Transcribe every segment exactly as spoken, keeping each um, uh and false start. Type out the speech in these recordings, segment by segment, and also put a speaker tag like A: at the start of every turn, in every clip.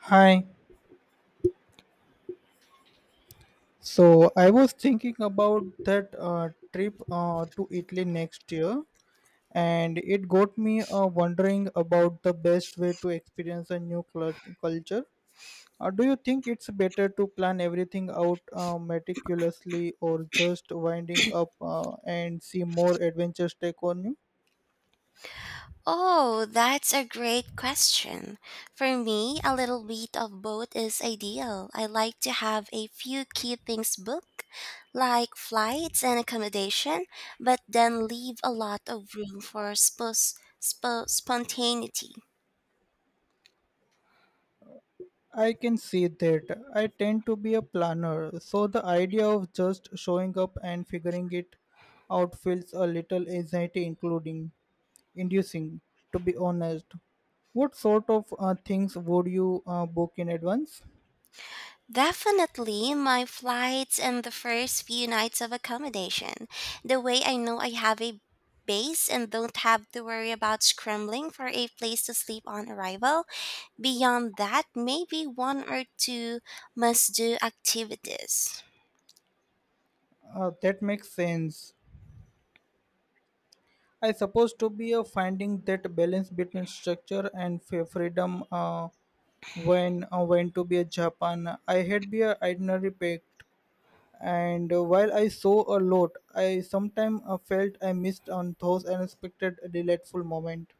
A: Hi. So I was thinking about that uh, trip uh, to Italy next year, and it got me uh, wondering about the best way to experience a new clu- culture. Uh, do you think it's better to plan everything out uh, meticulously or just winding up uh, and see more adventures take on you?
B: Oh, that's a great question. For me, a little bit of both is ideal. I like to have a few key things booked, like flights and accommodation, but then leave a lot of room for spos- spo- spontaneity.
A: I can see that. I tend to be a planner, so the idea of just showing up and figuring it out feels a little anxiety including inducing, to be honest. What sort of uh, things would you uh, book in advance?
B: Definitely my flights and the first few nights of accommodation. The way I know I have a base and don't have to worry about scrambling for a place to sleep on arrival. Beyond that, maybe one or two must do activities.
A: Uh, that makes sense. I suppose to be a finding that balance between structure and fa- freedom uh, when uh, when to be a Japan. I had be a itinerary packed and uh, while I saw a lot, I sometimes uh, felt I missed on those unexpected delightful moments.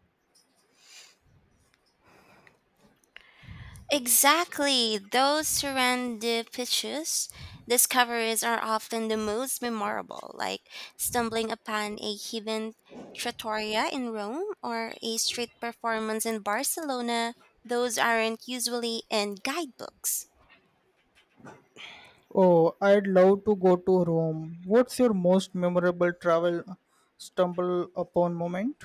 B: Exactly. Those around pitches discoveries are often the most memorable, like stumbling upon a hidden trattoria in Rome or a street performance in Barcelona. Those aren't usually in guidebooks.
A: Oh, I'd love to go to Rome. What's your most memorable travel uh, stumble upon moment?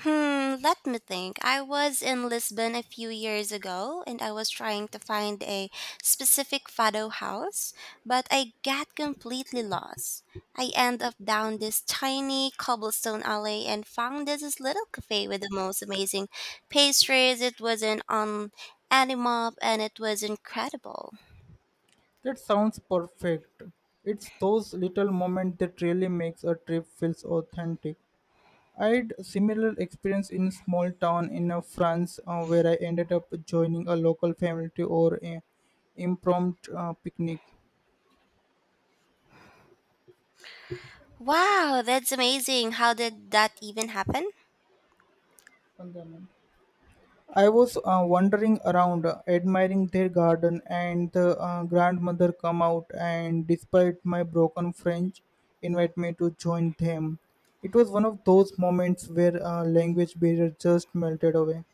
B: Hmm, let me think. I was in Lisbon a few years ago and I was trying to find a specific fado house, but I got completely lost. I ended up down this tiny cobblestone alley and found this is little cafe with the most amazing pastries. It was an on animal and it was incredible.
A: That sounds perfect. It's those little moments that really makes a trip feels authentic. I'd similar experience in small town in uh, France uh, where I ended up joining a local family to or a impromptu uh, picnic.
B: Wow, that's amazing. How did that even happen?
A: Bandhanam. I was uh, wandering around, uh, admiring their garden, and the uh, grandmother come out and, despite my broken French, invite me to join them. It was one of those moments where uh, language barrier just melted away.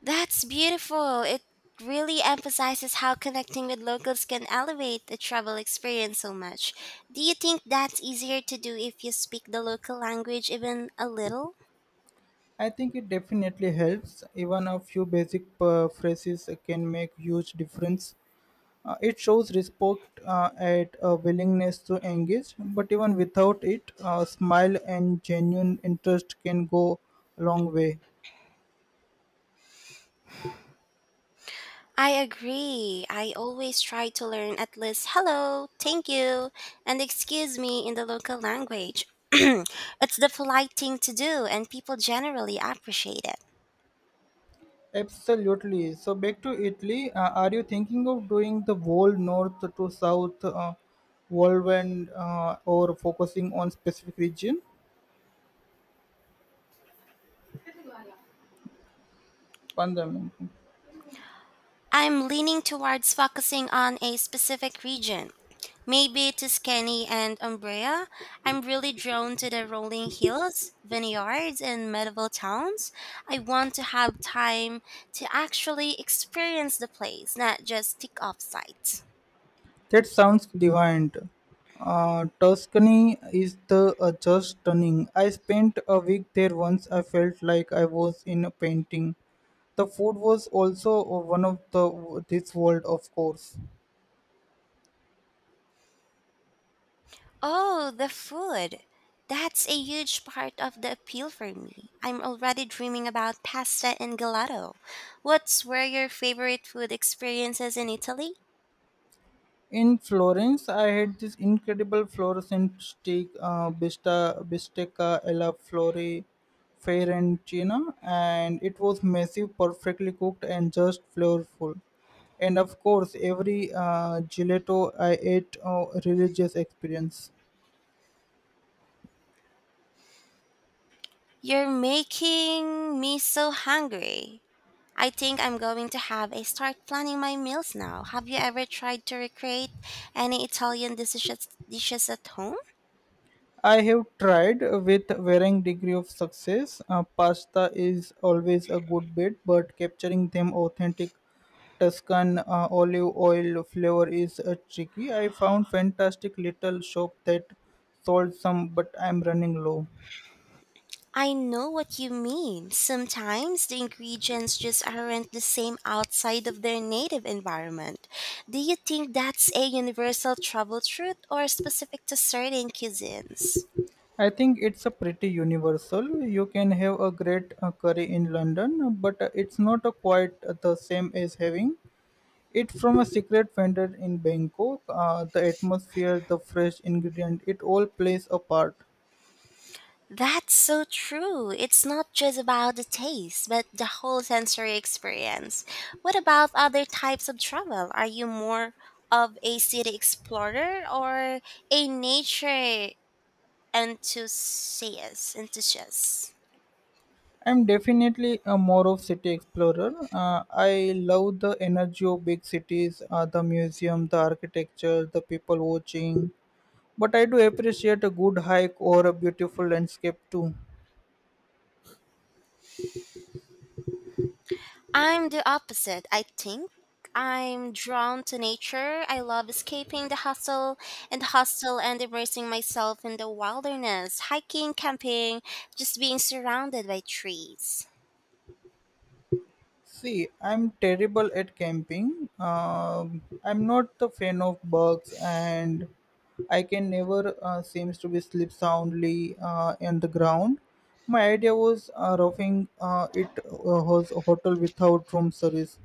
B: That's beautiful. It really emphasizes how connecting with locals can elevate the travel experience so much. Do you think that's easier to do if you speak the local language even a little?
A: I think it definitely helps. Even a few basic uh, phrases can make huge difference. Uh, it shows respect uh, and a willingness to engage, but even without it, a smile and genuine interest can go a long way.
B: I agree. I always try to learn at least hello, thank you, and excuse me in the local language. It's the polite thing to do, and people generally appreciate it.
A: Absolutely. So back to Italy. Uh, are you thinking of doing the whole north to south uh, whirlwind uh, or focusing on specific region? Fundamental.
B: I'm leaning towards focusing on a specific region. Maybe Tuscany and Umbria. I'm really drawn to the rolling hills, vineyards, and medieval towns. I want to have time to actually experience the place, not just tick off sites.
A: That sounds divine. Uh, Tuscany is the uh, just stunning. I spent a week there once. I felt like I was in a painting. The food was also one of the this world, of course.
B: Oh, the food! That's a huge part of the appeal for me. I'm already dreaming about pasta and gelato. What's were your favorite food experiences in Italy?
A: In Florence, I had this incredible fluorescent steak, uh, bista, bistecca alla fiore fiorentina, and it was massive, perfectly cooked, and just flavorful. And of course, every uh, gelato I ate, uh, religious experience.
B: You're making me so hungry. I think I'm going to have a start planning my meals now. Have you ever tried to recreate any Italian dishes dishes at home?
A: I have tried with varying degree of success. Uh, pasta is always a good bet, but capturing them authentic Tuscan uh, olive oil flavor is uh, tricky. I found fantastic little shop that sold some, but I'm running low.
B: I know what you mean. Sometimes the ingredients just aren't the same outside of their native environment. Do you think that's a universal trouble truth or specific to certain cuisines?
A: I think it's a pretty universal. You can have a great uh, curry in London, but uh, it's not uh, quite the same as having It from a secret vendor in Bangkok. Uh, the atmosphere, the fresh ingredient, it all plays a part.
B: That's so true. It's not just about the taste, but the whole sensory experience. What about other types of travel? Are you more of a city explorer or a nature enthusiast? enthusiast?
A: I'm definitely a more of city explorer. Uh, I love the energy of big cities, uh, the museum, the architecture, the people watching. But I do appreciate a good hike or a beautiful landscape too.
B: I'm the opposite, I think. I'm drawn to nature. I love escaping the hustle and the hostel and immersing myself in the wilderness, hiking, camping, just being surrounded by trees.
A: See, I'm terrible at camping. Um, I'm not the fan of bugs, and I can never uh, seems to be sleep soundly uh, on the ground. My idea was uh, roughing uh, it uh, was a hotel without room service.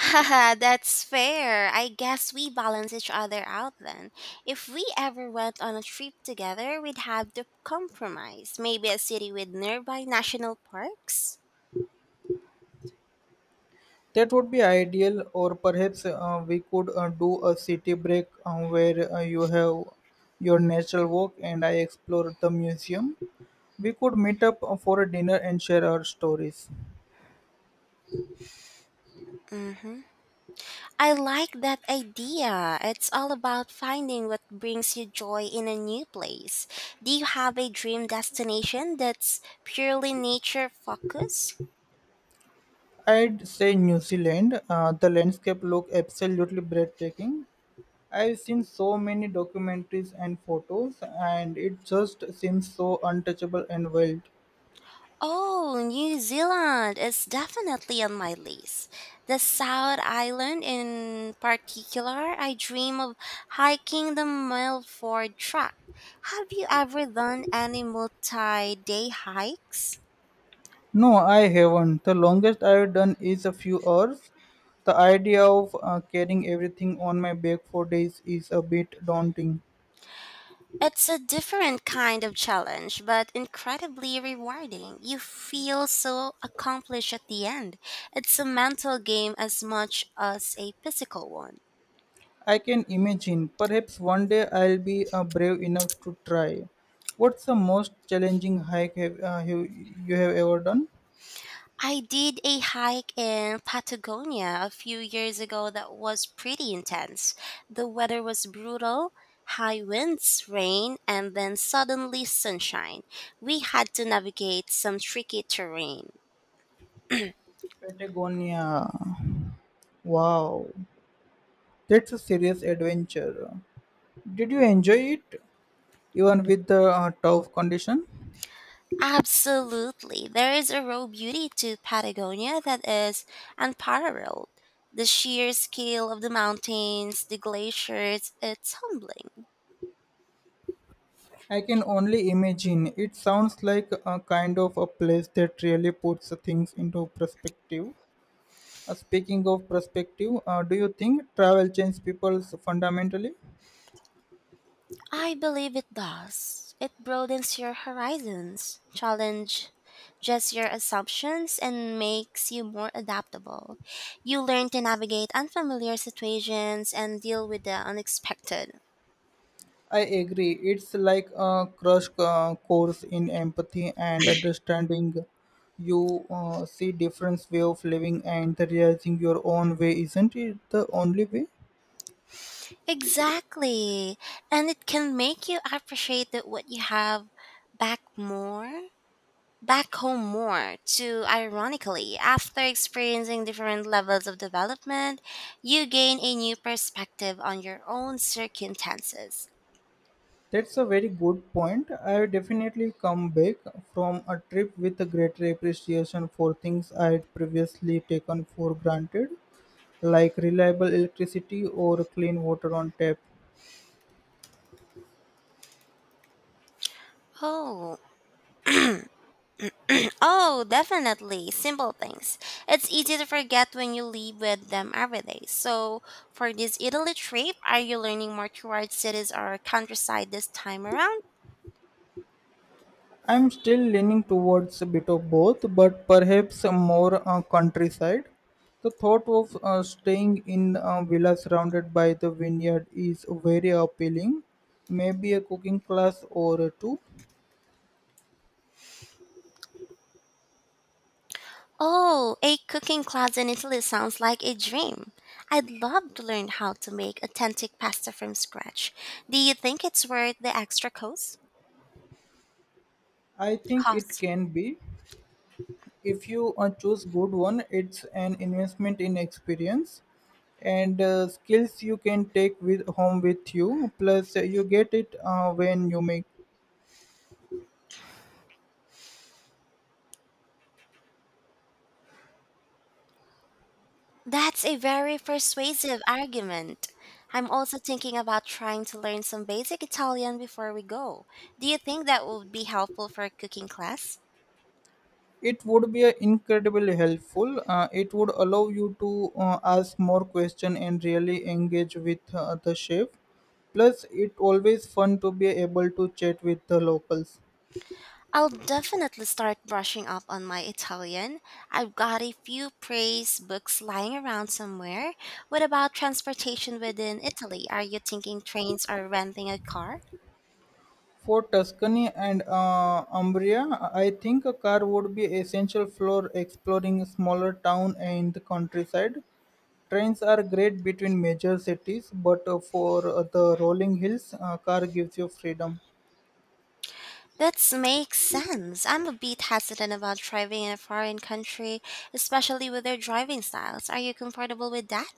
B: Haha, that's fair. I guess we balance each other out then. If we ever went on a trip together, we'd have to compromise. Maybe a city with nearby national parks?
A: That would be ideal, or perhaps uh, we could uh, do a city break uh, where uh, you have your natural walk and I explore the museum. We could meet up uh, for a dinner and share our stories.
B: Mm-hmm. I like that idea. It's all about finding what brings you joy in a new place. Do you have a dream destination that's purely nature focused?
A: I'd say New Zealand. Uh, the landscape look absolutely breathtaking. I've seen so many documentaries and photos, and it just seems so untouchable and wild.
B: Oh, New Zealand is definitely on my list. The South Island in particular, I dream of hiking the Milford Track. Have you ever done any multi-day hikes?
A: No, I haven't. The longest I've done is a few hours. The idea of uh, carrying everything on my back for days is a bit daunting.
B: It's a different kind of challenge, but incredibly rewarding. You feel so accomplished at the end. It's a mental game as much as a physical one.
A: I can imagine. Perhaps one day I'll be uh, brave enough to try. What's the most challenging hike have, uh, you, you have ever done?
B: I did a hike in Patagonia a few years ago that was pretty intense. The weather was brutal, high winds, rain, and then suddenly sunshine. We had to navigate some tricky terrain.
A: Patagonia. Wow, that's a serious adventure. Did you enjoy it, even with the uh, tough condition?
B: Absolutely. There is a raw beauty to Patagonia that is unparalleled. The sheer scale of the mountains, the glaciers, it's humbling.
A: I can only imagine. It sounds like a kind of a place that really puts things into perspective. Uh, speaking of perspective, uh, do you think travel changes people fundamentally?
B: I believe it does. It broadens your horizons, challenge just your assumptions and makes you more adaptable. You learn to navigate unfamiliar situations and deal with the unexpected.
A: I agree. It's like a crush uh, course in empathy and understanding. You uh, see different way of living and realizing your own way. Isn't it the only way?
B: Exactly. And it can make you appreciate that what you have back more back home more. Too ironically, after experiencing different levels of development, you gain a new perspective on your own circumstances.
A: That's a very good point. I definitely come back from a trip with a greater appreciation for things I had previously taken for granted, like reliable electricity or clean water on tap.
B: Oh, oh, definitely. Simple things. It's easy to forget when you live with them every day. So, for this Italy trip, are you learning more towards cities or countryside this time around?
A: I'm still leaning towards a bit of both, but perhaps a more uh, countryside. The thought of uh, staying in a villa surrounded by the vineyard is very appealing. Maybe a cooking class or two.
B: Oh, a cooking class in Italy sounds like a dream. I'd love to learn how to make authentic pasta from scratch. Do you think it's worth the extra cost?
A: I think it
B: Cost.
A: can be. If you uh, choose good one, it's an investment in experience and uh, skills you can take with home with you. Plus, uh, you get it uh, when you make
B: That's a very persuasive argument. I'm also thinking about trying to learn some basic Italian before we go. Do you think that would be helpful for a cooking class?
A: It would be a incredibly helpful. Uh, it would allow you to uh, ask more questions and really engage with uh, the chef. Plus, it always fun to be able to chat with the locals.
B: I'll definitely start brushing up on my Italian. I've got a few praise books lying around somewhere. What about transportation within Italy? Are you thinking trains or renting a car?
A: For Tuscany and uh, Umbria, I think a car would be essential for exploring smaller town and the countryside. Trains are great between major cities, but uh, for uh, the rolling hills, uh, car gives you freedom.
B: That makes sense. I'm a bit hesitant about driving in a foreign country, especially with their driving styles. Are you comfortable with that?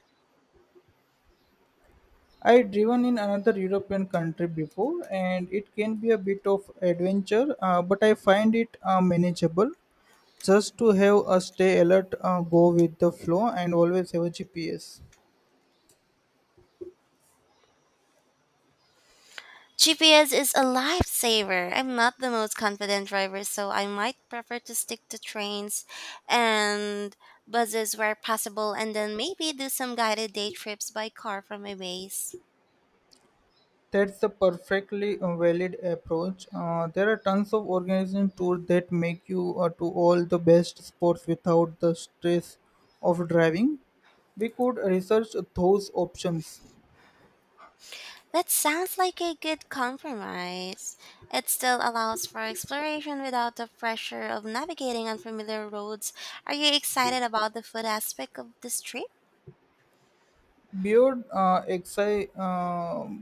A: I've driven in another European country before, and it can be a bit of adventure, uh, but I find it uh, manageable. Just to have a stay alert, uh, go with the flow, and always have a G P S.
B: G P S is a lifesaver. I'm not the most confident driver, so I might prefer to stick to trains and buses where possible and then maybe do some guided day trips by car from my base.
A: That's a perfectly uh, valid approach. Uh, there are tons of organizing tours that make you uh, to all the best sports without the stress of driving. We could research those options.
B: That sounds like a good compromise. It still allows for exploration without the pressure of navigating unfamiliar roads. Are you excited about the food aspect of this trip?
A: Beyond uh, exci- um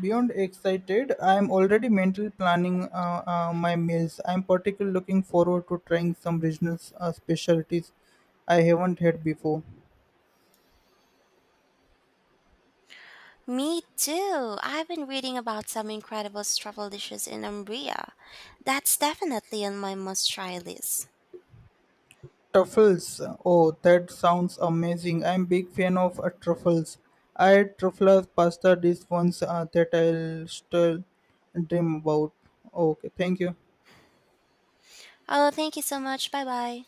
A: beyond excited, I am already mentally planning uh, uh, my meals. I am particularly looking forward to trying some regional uh, specialties I haven't had before.
B: Me too. I've been reading about some incredible truffle dishes in Umbria. That's definitely on my must try list.
A: Truffles. Oh, that sounds amazing. I'm big fan of uh, truffles. I had truffle pasta dish once uh, that I'll still dream about. Okay, thank you.
B: Oh, thank you so much. Bye bye.